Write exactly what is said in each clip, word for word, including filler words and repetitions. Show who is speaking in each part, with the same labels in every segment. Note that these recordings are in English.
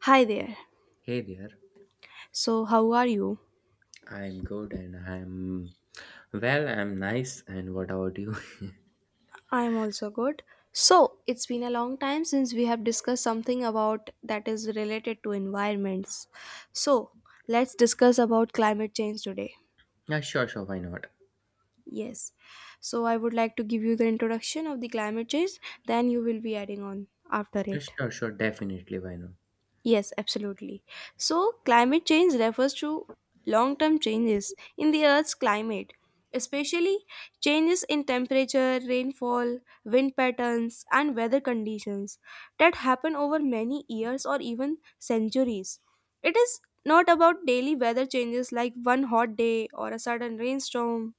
Speaker 1: Hi there.
Speaker 2: Hey there,
Speaker 1: So, how are you?
Speaker 2: I'm good and I'm well, I'm nice. And what about you?
Speaker 1: I'm also good. So, it's been a long time since we have discussed something about that is related to environments. So, let's discuss about climate change today.
Speaker 2: Yeah, sure, sure, why not?
Speaker 1: Yes. So, I would like to give you the introduction of the climate change, then you will be adding on after
Speaker 2: Yeah,
Speaker 1: it.
Speaker 2: sure, sure, definitely, why not?
Speaker 1: Yes, absolutely. So, climate change refers to long term changes in the Earth's climate, especially changes in temperature, rainfall, wind patterns, and weather conditions that happen over many years or even centuries. It is not about daily weather changes like one hot day or a sudden rainstorm.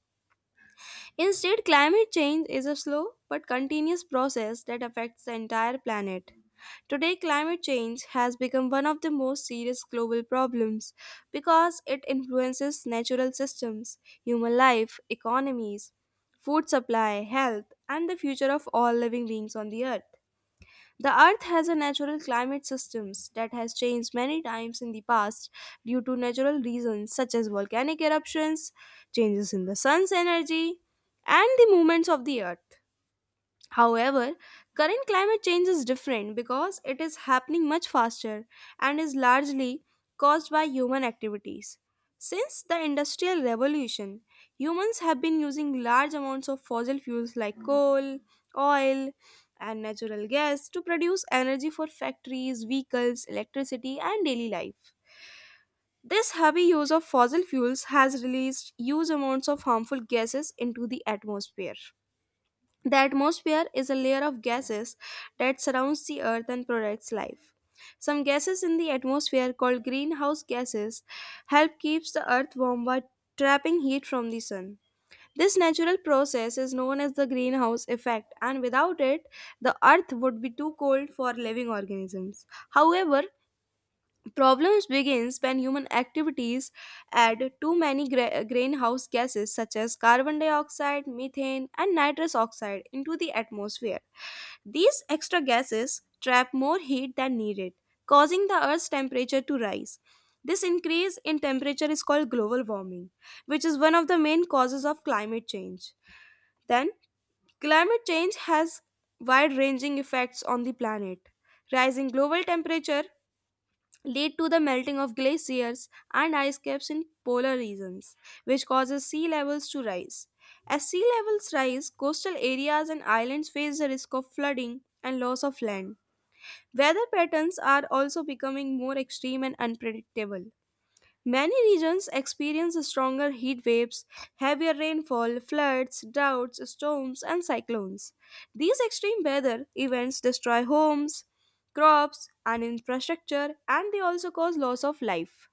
Speaker 1: Instead, climate change is a slow but continuous process that affects the entire planet. Today, climate change has become one of the most serious global problems because it influences natural systems, human life, economies, food supply, health, and the future of all living beings on the earth. The earth has a natural climate systems that has changed many times in the past due to natural reasons such as volcanic eruptions, changes in the sun's energy, and the movements of the earth. However, current climate change is different because it is happening much faster and is largely caused by human activities. Since the Industrial Revolution, humans have been using large amounts of fossil fuels like coal, oil, and natural gas to produce energy for factories, vehicles, electricity, and daily life. This heavy use of fossil fuels has released huge amounts of harmful gases into the atmosphere. The atmosphere is a layer of gases that surrounds the earth and protects life. Some gases in the atmosphere called greenhouse gases help keeps the earth warm by trapping heat from the sun. This natural process is known as the greenhouse effect and without it the earth would be too cold for living organisms. However, problems begins when human activities add too many gra- greenhouse gases such as carbon dioxide, methane, and nitrous oxide into the atmosphere. These extra gases trap more heat than needed, causing the Earth's temperature to rise. This increase in temperature is called global warming, which is one of the main causes of climate change. Then, climate change has wide ranging effects on the planet. Rising global temperature lead to the melting of glaciers and ice caps in polar regions, which causes sea levels to rise. As sea levels rise, coastal areas and islands face the risk of flooding and loss of land. Weather patterns are also becoming more extreme and unpredictable. Many regions experience stronger heat waves, heavier rainfall, floods, droughts, storms, and cyclones. These extreme weather events destroy homes, crops, and infrastructure, and they also cause loss of life.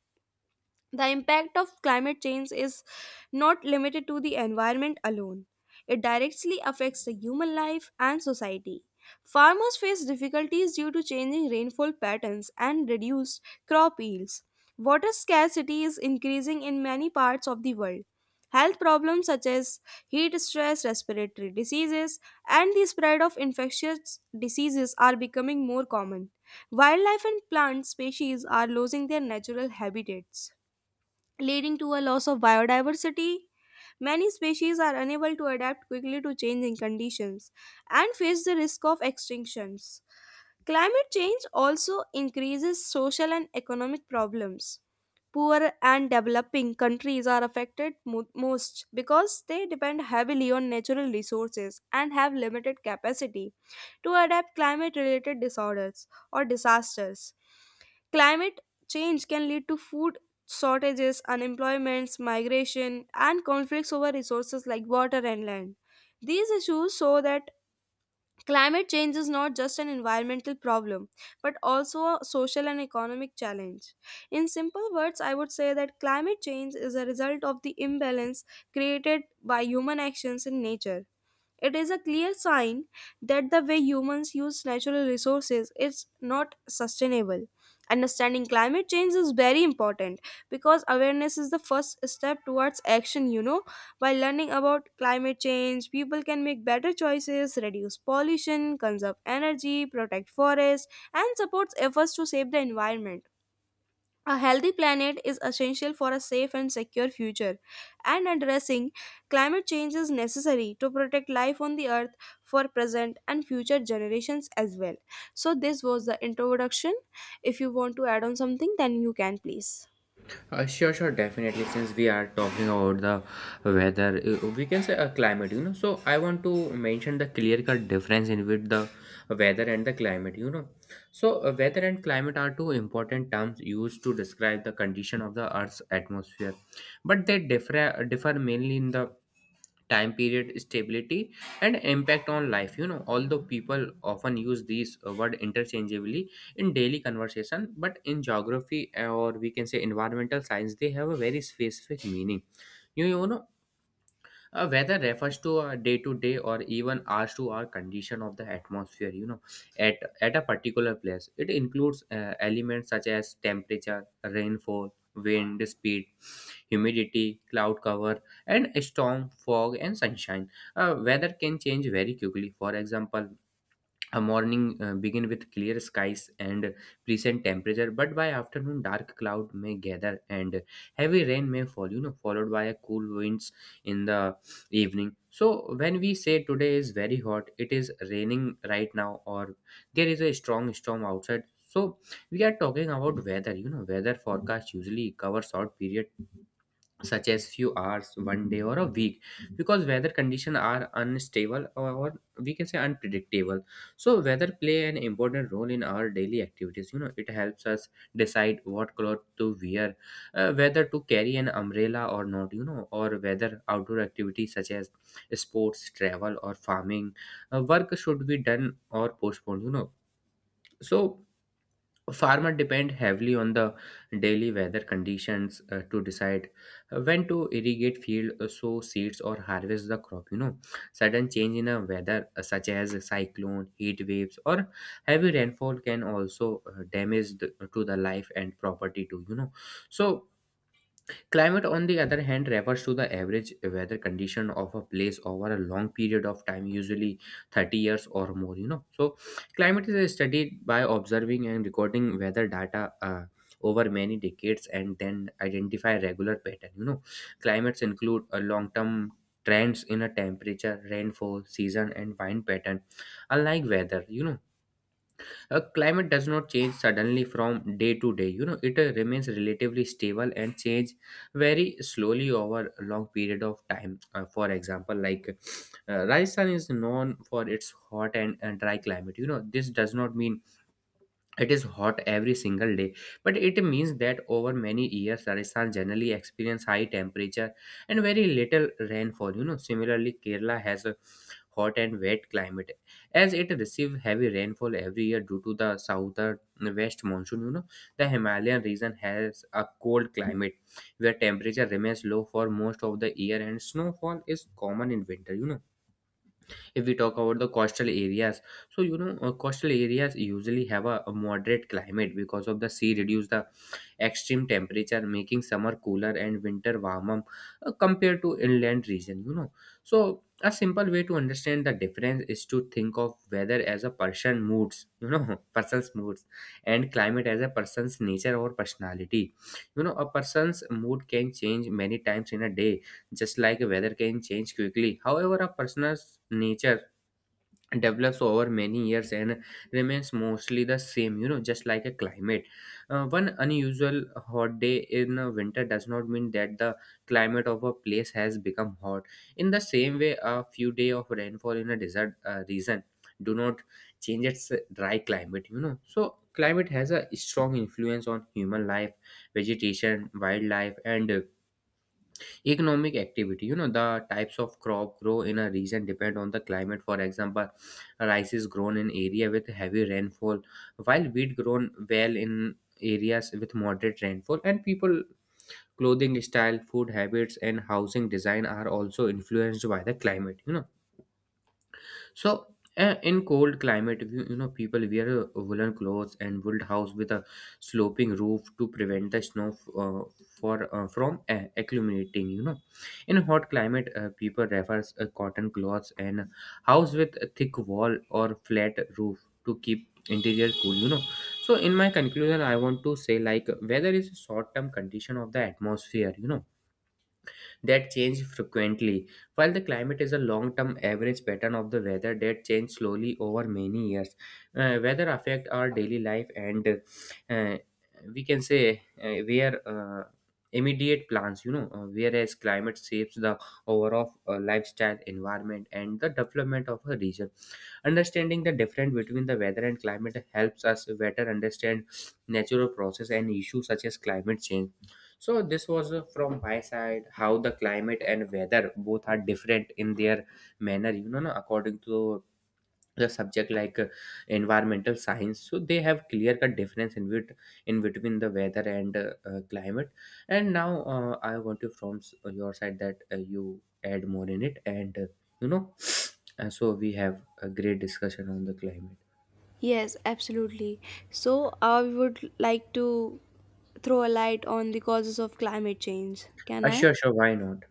Speaker 1: The impact of climate change is not limited to the environment alone. It directly affects the human life and society. Farmers face difficulties due to changing rainfall patterns and reduced crop yields. Water scarcity is increasing in many parts of the world. Health problems such as heat stress, respiratory diseases, and the spread of infectious diseases are becoming more common. Wildlife and plant species are losing their natural habitats leading to a loss of biodiversity. Many species are unable to adapt quickly to changing conditions and face the risk of extinctions. Climate change also increases social and economic problems. Poor and developing countries are affected mo- most because they depend heavily on natural resources and have limited capacity to adapt climate related disorders or disasters. Climate change can lead to food shortages, unemployments, migration, and conflicts over resources like water and land. These issues show that climate change is not just an environmental problem, but also a social and economic challenge. In simple words, I would say that climate change is a result of the imbalance created by human actions in nature. It is a clear sign that the way humans use natural resources is not sustainable. Understanding climate change is very important because awareness is the first step towards action, you know. By learning about climate change, people can make better choices, reduce pollution, conserve energy, protect forests, and support efforts to save the environment. A healthy planet is essential for a safe and secure future, and addressing climate change is necessary to protect life on the earth for present and future generations as well. So, this was the introduction. If you want to add on something, then you can please.
Speaker 2: Uh, sure, sure, definitely. Since we are talking about the weather, uh, we can say a climate, you know. So, I want to mention the clear cut difference in with the weather and the climate, you know. So, uh, weather and climate are two important terms used to describe the condition of the Earth's atmosphere, but they differ, differ mainly in the time period stability and impact on life you know although people often use these uh, word interchangeably in daily conversation, but in geography, uh, or we can say environmental science, they have a very specific meaning you, you know uh, Weather refers to a day to day or even hours to hour condition of the atmosphere, you know, at, at a particular place. It includes uh, elements such as temperature, rainfall, wind speed, humidity, cloud cover, and storm, fog, and sunshine. Uh, weather can change very quickly. For example, a morning uh, begin with clear skies and pleasant temperature, but by afternoon dark cloud may gather and heavy rain may fall. You know, followed by a cool winds in the evening. So when we say today is very hot, it is raining right now, or there is a strong storm outside. So we are talking about weather. You know, weather forecast usually cover short periods such as few hours one day or a week because weather conditions are unstable or or we can say unpredictable. So weather play an important role in our daily activities you know It helps us decide what cloth to wear, uh, whether to carry an umbrella or not you know or whether outdoor activities such as sports, travel or farming uh, work should be done or postponed you know So farmer depend heavily on the daily weather conditions uh, to decide uh, when to irrigate field, uh, sow seeds or harvest the crop you know Sudden change in a weather, uh, such as a cyclone, heat waves or heavy rainfall can also uh, damage the, to the life and property too you know So climate, on the other hand, refers to the average weather condition of a place over a long period of time, usually thirty years or more. You know, so climate is studied by observing and recording weather data, Uh, over many decades and then identify regular pattern you know Climates include a long term trends in a temperature, rainfall, season and wind pattern, unlike weather you know A climate does not change suddenly from day to day you know It uh, remains relatively stable and change very slowly over a long period of time. Uh, for example, like, uh, Rajasthan is known for its hot and, and dry climate you know This does not mean it is hot every single day, but it means that over many years, Rajasthan generally experience high temperature and very little rainfall. You know, similarly, Kerala has a hot and wet climate as it receives heavy rainfall every year due to the southern west monsoon. You know, the Himalayan region has a cold climate where temperature remains low for most of the year and snowfall is common in winter. You know if we talk about the coastal areas, so you know uh, coastal areas usually have a, a moderate climate because of the sea reduce the extreme temperature, making summer cooler and winter warmer, uh, compared to inland region you know So a simple way to understand the difference is to think of weather as a person moods, you know person's moods, and climate as a person's nature or personality you know A person's mood can change many times in a day, just like weather can change quickly. However, a person's nature develops over many years and remains mostly the same you know just like a climate. Uh, one unusual hot day in uh, winter does not mean that the climate of a place has become hot. In the same way, a few day of rainfall in a desert uh, region do not change its dry climate you know So climate has a strong influence on human life, vegetation, wildlife and uh, economic activity you know The types of crop grow in a region depend on the climate. For example, rice is grown in area with heavy rainfall while wheat grown well in areas with moderate rainfall, and people clothing style, food habits and housing design are also influenced by the climate you know So uh, in cold climate, you, you know, people wear uh, woolen clothes and build house with a sloping roof to prevent the snow f- uh, for uh, from uh, accumulating. You know, in hot climate, uh, people refers uh, cotton clothes and house with a thick wall or flat roof to keep interior cool. You know, so in my conclusion, I want to say, like, weather is a short term condition of the atmosphere. You know that change frequently. While the climate is a long term average pattern of the weather that changes slowly over many years, uh, weather affect our daily life and, uh, we can say, uh, where uh, immediate plans you know uh, whereas climate shapes the overall uh, lifestyle, environment and the development of a region. Understanding the difference between the weather and climate helps us better understand natural process and issues such as climate change. So this was uh, from my side how the climate and weather both are different in their manner, you know, na, according to the subject, like, uh, environmental science. So they have clear cut difference in bet in between the weather and uh, uh, climate. And now, uh, I want you from s- your side that, uh, you add more in it, and, uh, you know, and so we have a great discussion on the climate.
Speaker 1: Yes, absolutely. So, I would like to throw a light on the causes of climate change. Can
Speaker 2: Uh,
Speaker 1: I?
Speaker 2: sure, sure, why not?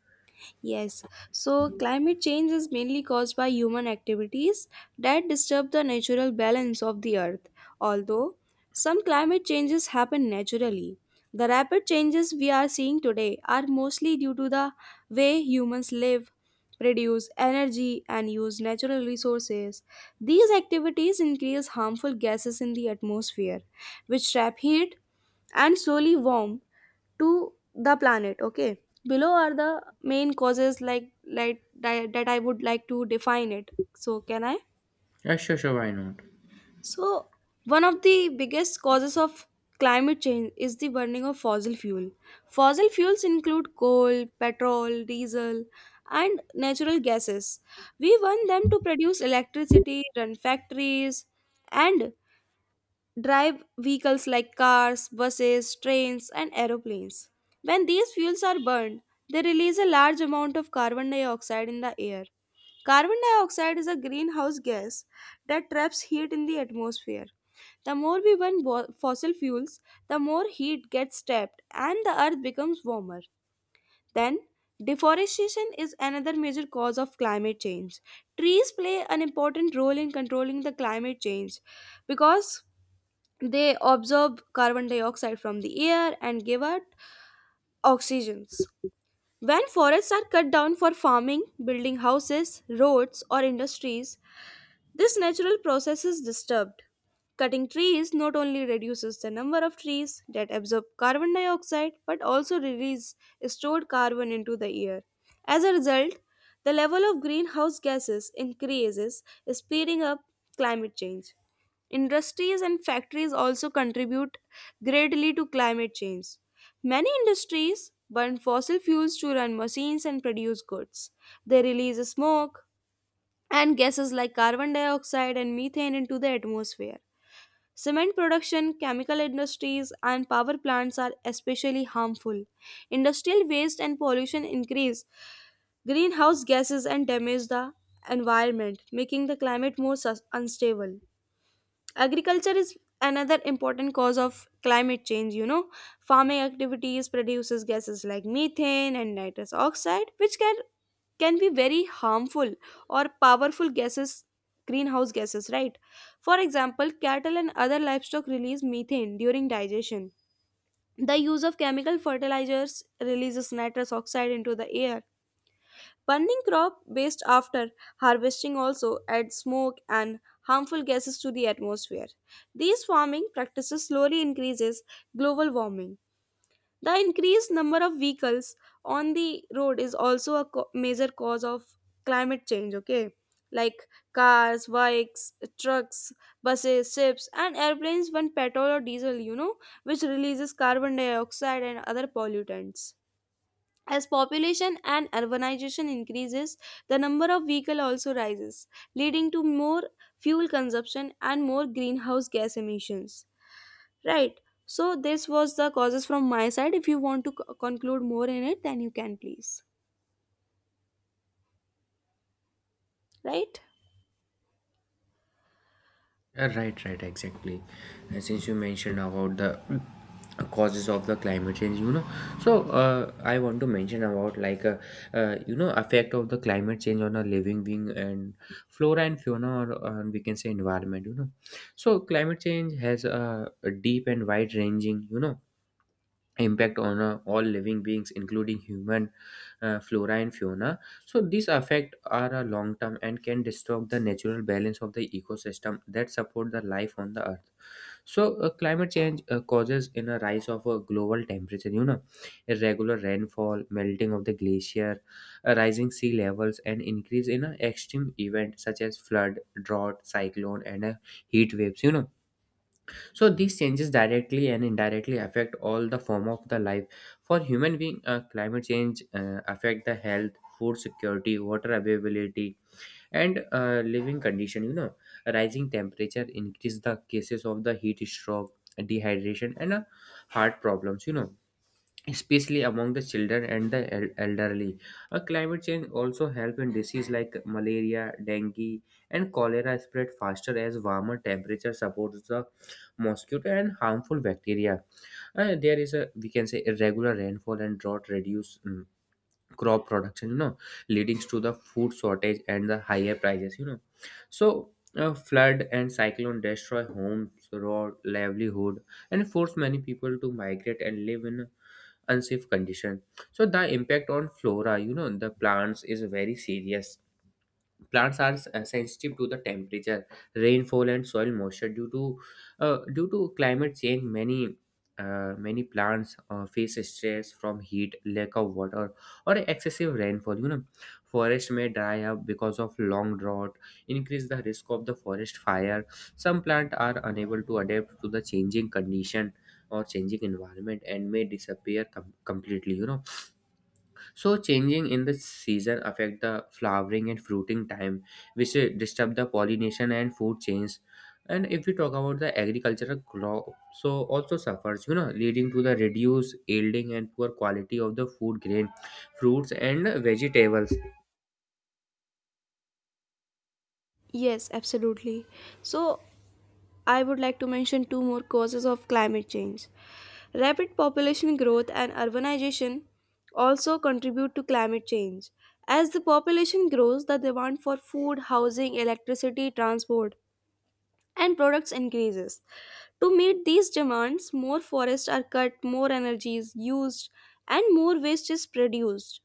Speaker 1: Yes, so climate change is mainly caused by human activities that disturb the natural balance of the earth. Although some climate changes happen naturally, the rapid changes we are seeing today are mostly due to the way humans live, produce energy, and use natural resources. These activities increase harmful gases in the atmosphere, which trap heat and slowly warm to the planet, okay? Below are the main causes, like like di- that I would like to define it. So, can I?
Speaker 2: Uh, sure, sure, why not?
Speaker 1: So one of the biggest causes of climate change is the burning of fossil fuel. Fossil fuels include coal, petrol, diesel, and natural gases. We burn them to produce electricity, run factories, and drive vehicles like cars, buses, trains, and aeroplanes. When these fuels are burned, they release a large amount of carbon dioxide in the air. Carbon dioxide is a greenhouse gas that traps heat in the atmosphere. The more we burn bo- fossil fuels, the more heat gets trapped and the earth becomes warmer. Then, deforestation is another major cause of climate change. Trees play an important role in controlling the climate change because they absorb carbon dioxide from the air and give out oxygens. When forests are cut down for farming, building houses, roads, or industries, this natural process is disturbed. Cutting trees not only reduces the number of trees that absorb carbon dioxide but also release stored carbon into the air. As a result, the level of greenhouse gases increases, speeding up climate change. Industries and factories also contribute greatly to climate change. Many industries burn fossil fuels to run machines and produce goods. They release smoke, and gases like carbon dioxide and methane into the atmosphere. Cement production, chemical industries, and power plants are especially harmful. Industrial waste and pollution increase greenhouse gases and damage the environment, making the climate more sus- unstable. Agriculture is another important cause of climate change you know Farming activities produces gases like methane and nitrous oxide, which can can be very harmful or powerful gases, greenhouse gases, right? For example, cattle and other livestock release methane during digestion. The use of chemical fertilizers releases nitrous oxide into the air. Burning crop waste after harvesting also adds smoke and harmful gases to the atmosphere. These farming practices slowly increases global warming. The increased number of vehicles on the road is also a co- major cause of climate change, okay? Like cars, bikes, trucks, buses, ships, and airplanes burn petrol or diesel, you know, which releases carbon dioxide and other pollutants. As population and urbanization increases, the number of vehicles also rises, leading to more fuel consumption and more greenhouse gas emissions. Right. So this was the causes from my side. If you want to co- conclude more in it, then you can please. Right?
Speaker 2: Uh, Right, right, exactly. Uh, Since you mentioned about the uh, causes of the climate change, you know, so, uh, I want to mention about, like, uh, uh, you know effect of the climate change on a living being and flora and fauna, or uh, we can say environment. You know, so climate change has a a deep and wide ranging, you know, impact on uh, all living beings including human, uh, flora and fauna. So these effects are a long term and can disturb the natural balance of the ecosystem that support the life on the earth. So uh, climate change uh, causes in a rise of a global temperature you know irregular rainfall, melting of the glacier, uh, rising sea levels and increase in uh, extreme event such as flood, drought, cyclone and uh, heat waves you know So these changes directly and indirectly affect all the form of the life. For human being, uh, climate change uh, affect the health, food security, water availability and uh, living condition you know Rising temperature increase the cases of the heat stroke, dehydration and uh, heart problems you know especially among the children and the el- elderly. A climate change also help in disease like malaria, dengue, and cholera spread faster as warmer temperature supports the mosquito and harmful bacteria. Uh, there is a, we can say, irregular rainfall and drought reduce, mm, crop production. You know, leading to the food shortage and the higher prices. You know, so. A flood and cyclone destroy homes, road, livelihood, and force many people to migrate and live in unsafe condition. So the impact on flora, you know the plants is very serious. Plants are s- uh, sensitive to the temperature, rainfall and soil moisture due to uh, due to climate change. Many uh, many plants uh, face stress from heat, lack of water or excessive rainfall you know Forest may dry up because of long drought increase the risk of the forest fire. Some plants are unable to adapt to the changing condition or changing environment and may disappear com- completely. You know so changing in the season affect the flowering and fruiting time, which uh, disturb the pollination and food chains. And if we talk about the agricultural crop, so also suffers, you know, leading to the reduced yielding and poor quality of the food grain, fruits and vegetables.
Speaker 1: Yes, absolutely. So I would like to mention two more causes of climate change. Rapid population growth and urbanization also contribute to climate change. As the population grows, the demand for food, housing, electricity, transport, and products increases. To meet these demands, more forests are cut, more energy is used, and more waste is produced.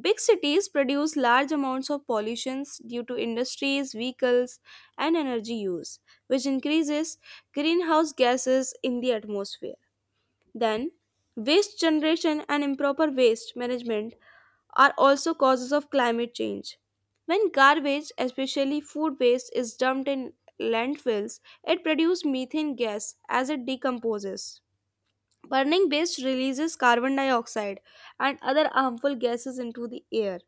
Speaker 1: Big cities produce large amounts of pollutions due to industries, vehicles, and energy use, which increases greenhouse gases in the atmosphere. Then, waste generation and improper waste management are also causes of climate change. When garbage, especially food waste, is dumped in landfills, it produces methane gas as it decomposes. Burning waste releases carbon dioxide and other harmful gases into the air.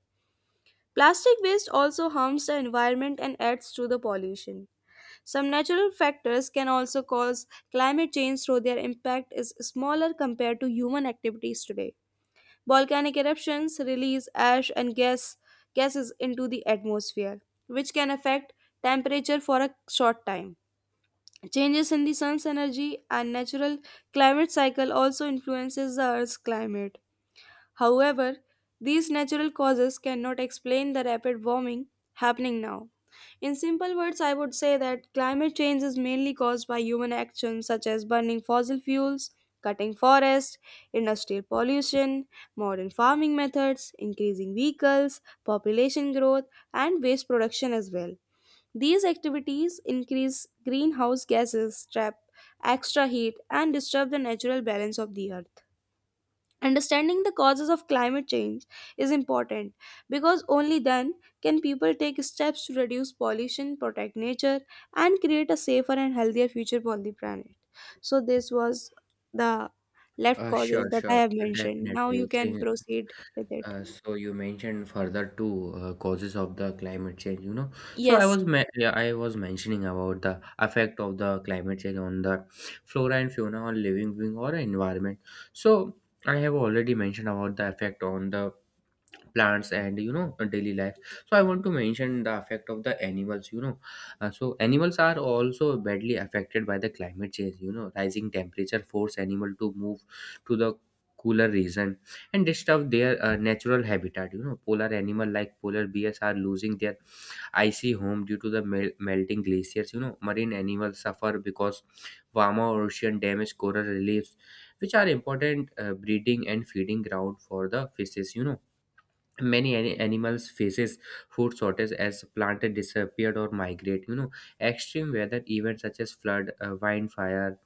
Speaker 1: Plastic waste also harms the environment and adds to the pollution. Some natural factors can also cause climate change, though their impact is smaller compared to human activities today. Volcanic eruptions release ash and gas gases into the atmosphere, which can affect temperature for a short time. Changes in the sun's energy and natural climate cycle also influences the earth's climate. However, these natural causes cannot explain the rapid warming happening now. In simple words, I would say that climate change is mainly caused by human actions such as burning fossil fuels, cutting forests, industrial pollution, modern farming methods, increasing vehicles, population growth, and waste production as well. These activities increase greenhouse gases, trap extra heat, and disturb the natural balance of the earth. Understanding the causes of climate change is important because only then can people take steps to reduce pollution, protect nature, and create a safer and healthier future for the planet. So, this was the left
Speaker 2: Uh,
Speaker 1: causes
Speaker 2: sure,
Speaker 1: that I
Speaker 2: sure,
Speaker 1: have mentioned. Now, you
Speaker 2: definitely.
Speaker 1: can proceed with it.
Speaker 2: Uh, so you mentioned further two uh, causes of the climate change, you know. So I
Speaker 1: Yes,
Speaker 2: was me- yeah, I was mentioning about the effect of the climate change on the flora and fauna on living being or environment. So I have already mentioned about the effect on the plants and you know daily life, so I want to mention the effect of the animals. You know Uh, so animals are also badly affected by the climate change. You know rising temperature force animal to move to the cooler region and disturb their uh, natural habitat. You know, polar animal like polar bears are losing their icy home due to the mel- melting glaciers. You know, marine animals suffer because warmer ocean damage coral reefs, which are important uh, breeding and feeding ground for the fishes. You know. Many ani- animals faces food shortage as planted disappeared or migrate. You know, extreme weather events such as flood, uh, wildfire,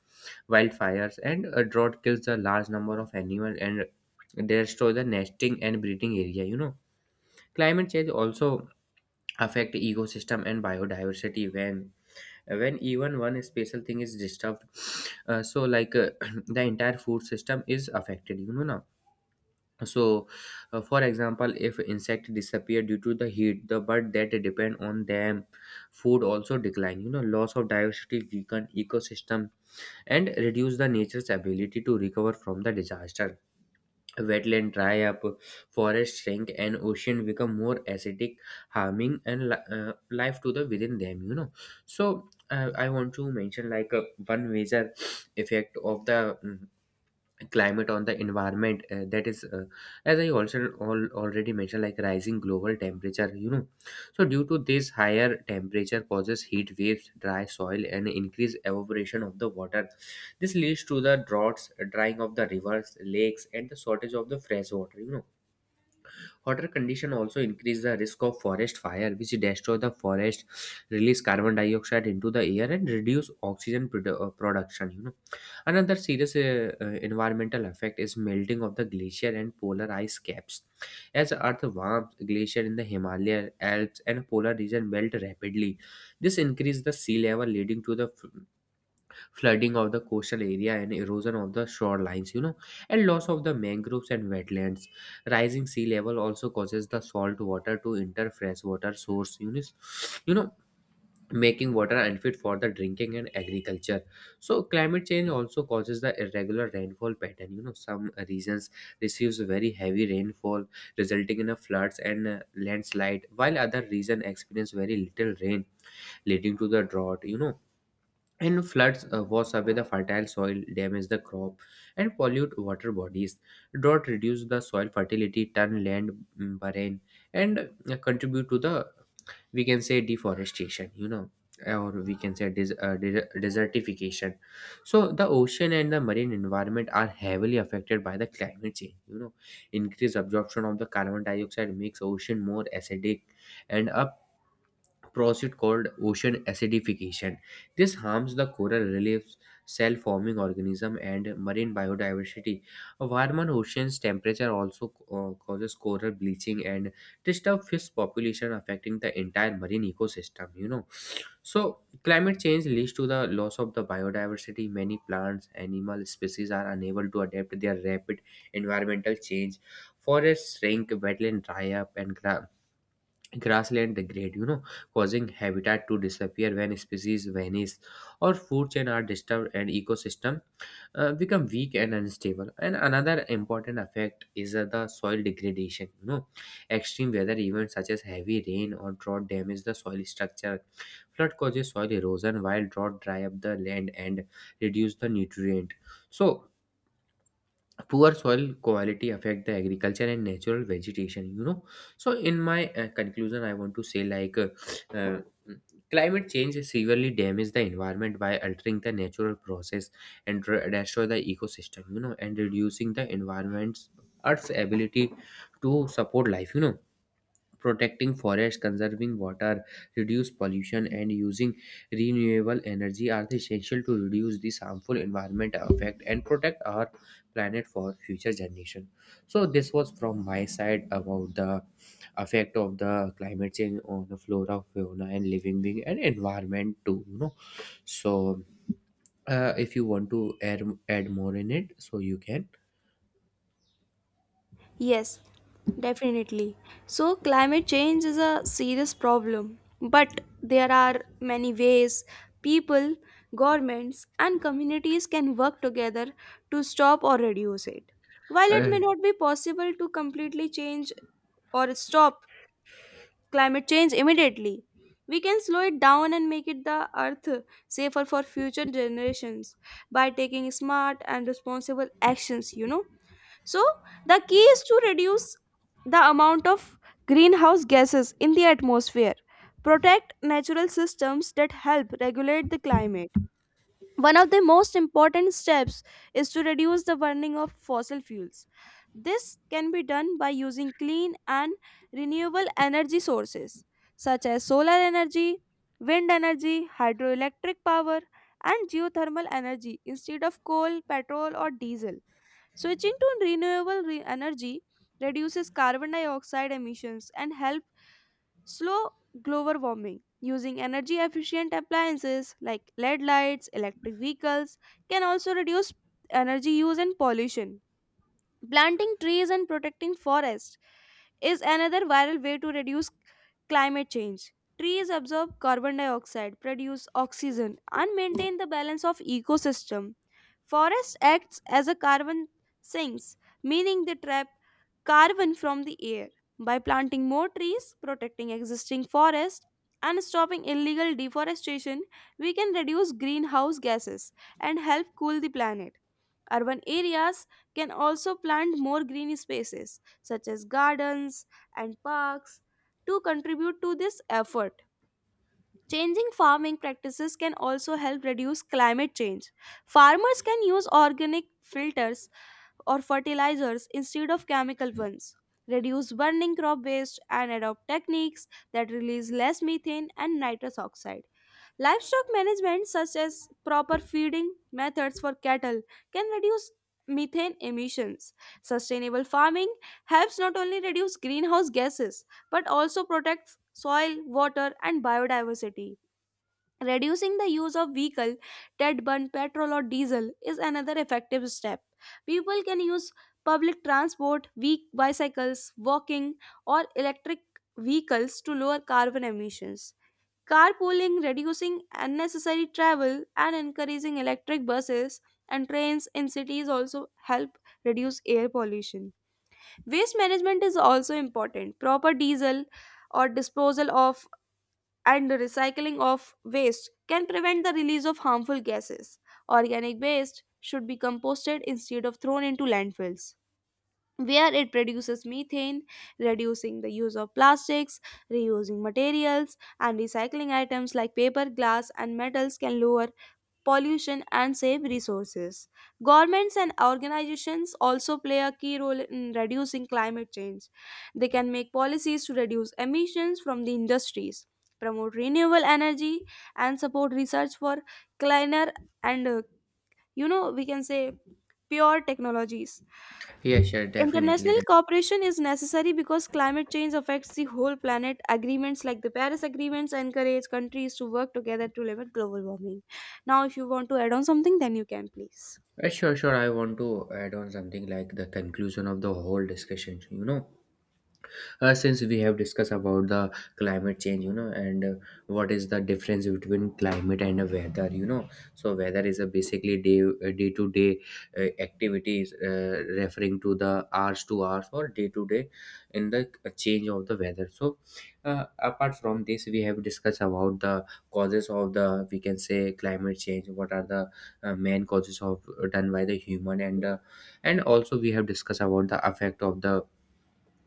Speaker 2: wildfires, and a drought kills a large number of animals and they destroy the nesting and breeding area. You know, climate change also affect ecosystem and biodiversity when when even one special thing is disturbed. Uh, so like uh, the entire food system is affected. You know now. So, uh, for example, if insect disappear due to the heat, the bird that depend on them food also decline. You know, loss of diversity weaken ecosystem and reduce the nature's ability to recover from the disaster. Wetland dry up, forest shrink, and ocean become more acidic, harming and li- uh, life to the within them. You know, so uh, I want to mention like uh, one major effect of the mm, climate on the environment uh, that is uh, as I also all, already mentioned, like rising global temperature. You know so due to this, higher temperature causes heat waves, dry soil, and increased evaporation of the water. This leads to the droughts, drying of the rivers, lakes, and the shortage of the fresh water. you know Hotter condition also increase the risk of forest fire, which destroy the forest, release carbon dioxide into the air, and reduce oxygen produ- uh, production. You know, another serious uh, uh, environmental effect is melting of the glacier and polar ice caps. As Earth warms, glacier in the Himalaya, Alps, and polar region melt rapidly. This increases the sea level, leading to the f- flooding of the coastal area and erosion of the shorelines, you know and loss of the mangroves and wetlands. Rising sea level also causes the salt water to enter freshwater source units, you know making water unfit for the drinking and agriculture. So climate change also causes the irregular rainfall pattern. You know some regions receives very heavy rainfall, resulting in a floods and uh, landslide, while other region experience very little rain, leading to the drought. You know and floods uh, wash away the fertile soil, damage the crop, and pollute water bodies. Drought reduce the soil fertility, turn land mm, barren, and uh, contribute to the, we can say, deforestation. You know, or we can say des- uh, de- desertification. So the ocean and the marine environment are heavily affected by the climate change. You know, increased absorption of the carbon dioxide makes ocean more acidic, and a process called ocean acidification. This harms the coral reefs, cell forming organism, and marine biodiversity. A warm on ocean's temperature also uh, causes coral bleaching and disturb fish population, affecting the entire marine ecosystem. You know, so climate change leads to the loss of the biodiversity. Many plants, animal species are unable to adapt their rapid environmental change. Forests shrink, wetland dry up, and gra- grassland degrade, you know causing habitat to disappear. When species vanish or food chain are disturbed and ecosystem uh, become weak and unstable. And another important effect is uh, the soil degradation. You know extreme weather events such as heavy rain or drought damage the soil structure. Flood causes soil erosion while drought dry up the land and reduce the nutrient. So poor soil quality affect the agriculture and natural vegetation. You know so in my uh, conclusion, I want to say, like, uh, uh, climate change severely damage the environment by altering the natural process and dr- destroy the ecosystem, you know and reducing the environment's earth's ability to support life. You know protecting forests, conserving water, reduce pollution, and using renewable energy are essential to reduce this harmful environment effect and protect our planet for future generation. So this was from my side about the effect of the climate change on the flora, fauna, and living being and environment too. You know, so uh, if you want to add add more in it, so you can.
Speaker 1: Yes, definitely. So, climate change is a serious problem, but there are many ways people, governments, and communities can work together to stop or reduce it. While it may
Speaker 2: Uh,
Speaker 1: not be possible to completely change or stop climate change immediately, we can slow it down and make it the earth safer for future generations by taking smart and responsible actions, you know. So, the key is to reduce the amount of greenhouse gases in the atmosphere, protect natural systems that help regulate the climate. One of the most important steps is to reduce the burning of fossil fuels. This can be done by using clean and renewable energy sources such as solar energy, wind energy, hydroelectric power, and geothermal energy instead of coal, petrol, or diesel. Switching to renewable re- energy reduces carbon dioxide emissions and help slow global warming. Using energy efficient appliances like L E D lights, electric vehicles can also reduce energy use and pollution. Planting trees and protecting forests is another viral way to reduce climate change. Trees absorb carbon dioxide, produce oxygen, and maintain the balance of ecosystem. Forest acts as a carbon sinks, meaning they trap carbon from the air. By planting more trees, protecting existing forests, and stopping illegal deforestation, we can reduce greenhouse gases and help cool the planet. Urban areas can also plant more green spaces, such as gardens and parks, to contribute to this effort. Changing farming practices can also help reduce climate change. Farmers can use organic filters or fertilizers instead of chemical ones, reduce burning crop waste, and adopt techniques that release less methane and nitrous oxide. Livestock management, such as proper feeding methods for cattle, can reduce methane emissions. Sustainable farming helps not only reduce greenhouse gases but also protects soil, water, and biodiversity. Reducing the use of vehicle that burn petrol or diesel is another effective step. People can use public transport, weak bicycles, walking, or electric vehicles to lower carbon emissions. Carpooling, reducing unnecessary travel, and encouraging electric buses and trains in cities also help reduce air pollution. Waste management is also important. Proper diesel or disposal of and recycling of waste can prevent the release of harmful gases. Organic waste should be composted instead of thrown into landfills where it produces methane, reducing the use of plastics, reusing materials, and recycling items like paper, glass, and metals can lower pollution and save resources. Governments and organizations also play a key role in reducing climate change. They can make policies to reduce emissions from the industries. Promote renewable energy and support research for cleaner and, uh, you know, we can say pure technologies.
Speaker 2: yeah, sure, definitely.
Speaker 1: International cooperation is necessary because climate change affects the whole planet. Agreements like the Paris Agreements encourage countries to work together to limit global warming. Now, if you want to add on something, then you can please.
Speaker 2: Uh, sure, sure, I want to add on something like the conclusion of the whole discussion. You know, uh, since we have discussed about the climate change, you know and uh, what is the difference between climate and uh, weather. You know so weather is a basically day uh, day to day uh, activities, uh, referring to the hours to hours or day to day in the uh, change of the weather. So uh, apart from this, we have discussed about the causes of the, we can say, climate change, what are the uh, main causes of uh, done by the human. And uh, and also we have discussed about the effect of the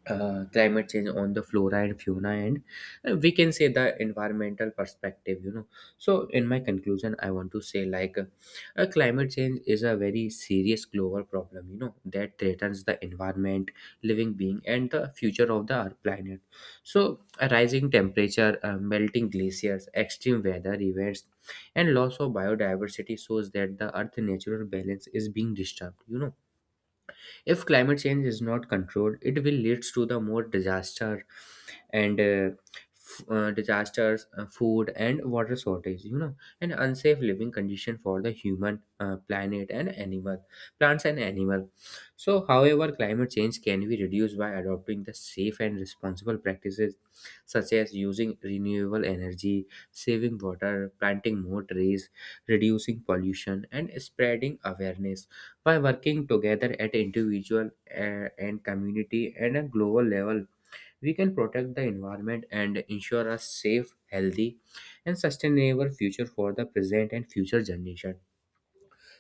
Speaker 2: uh, climate change on the flora and fauna. And uh, We can say the environmental perspective. You know so in my conclusion, I want to say, like, uh, uh, climate change is a very serious global problem, you know that threatens the environment, living being, and the future of the our planet. So a rising temperature, uh, melting glaciers, extreme weather events, and loss of biodiversity shows that the earth natural balance is being disturbed. You know if climate change is not controlled, it will lead to the more disaster and uh, f- uh, disasters, uh, food and water shortage, you know, and unsafe living condition for the human, uh, planet and animal, plants and animal. So, however, climate change can be reduced by adopting the safe and responsible practices such as using renewable energy, saving water, planting more trees, reducing pollution, and spreading awareness by working together at individual uh, and community and a global level. We can protect the environment and ensure a safe, healthy, and sustainable future for the present and future generation.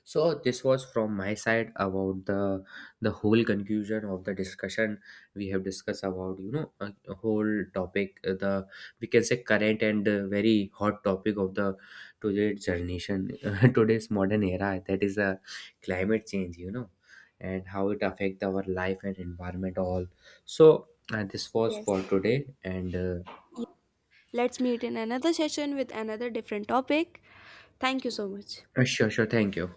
Speaker 2: So this was from my side about the the whole conclusion of the discussion. We have discussed about, you know, a, a whole topic, uh, the we can say current and uh, very hot topic of the today's generation, uh, today's modern era, that is a climate change, you know, and how it affect our life and environment all. So uh, this was
Speaker 1: Yes.
Speaker 2: for today and uh,
Speaker 1: Let's meet in another session with another different topic. Thank you so much.
Speaker 2: sure, sure, thank you.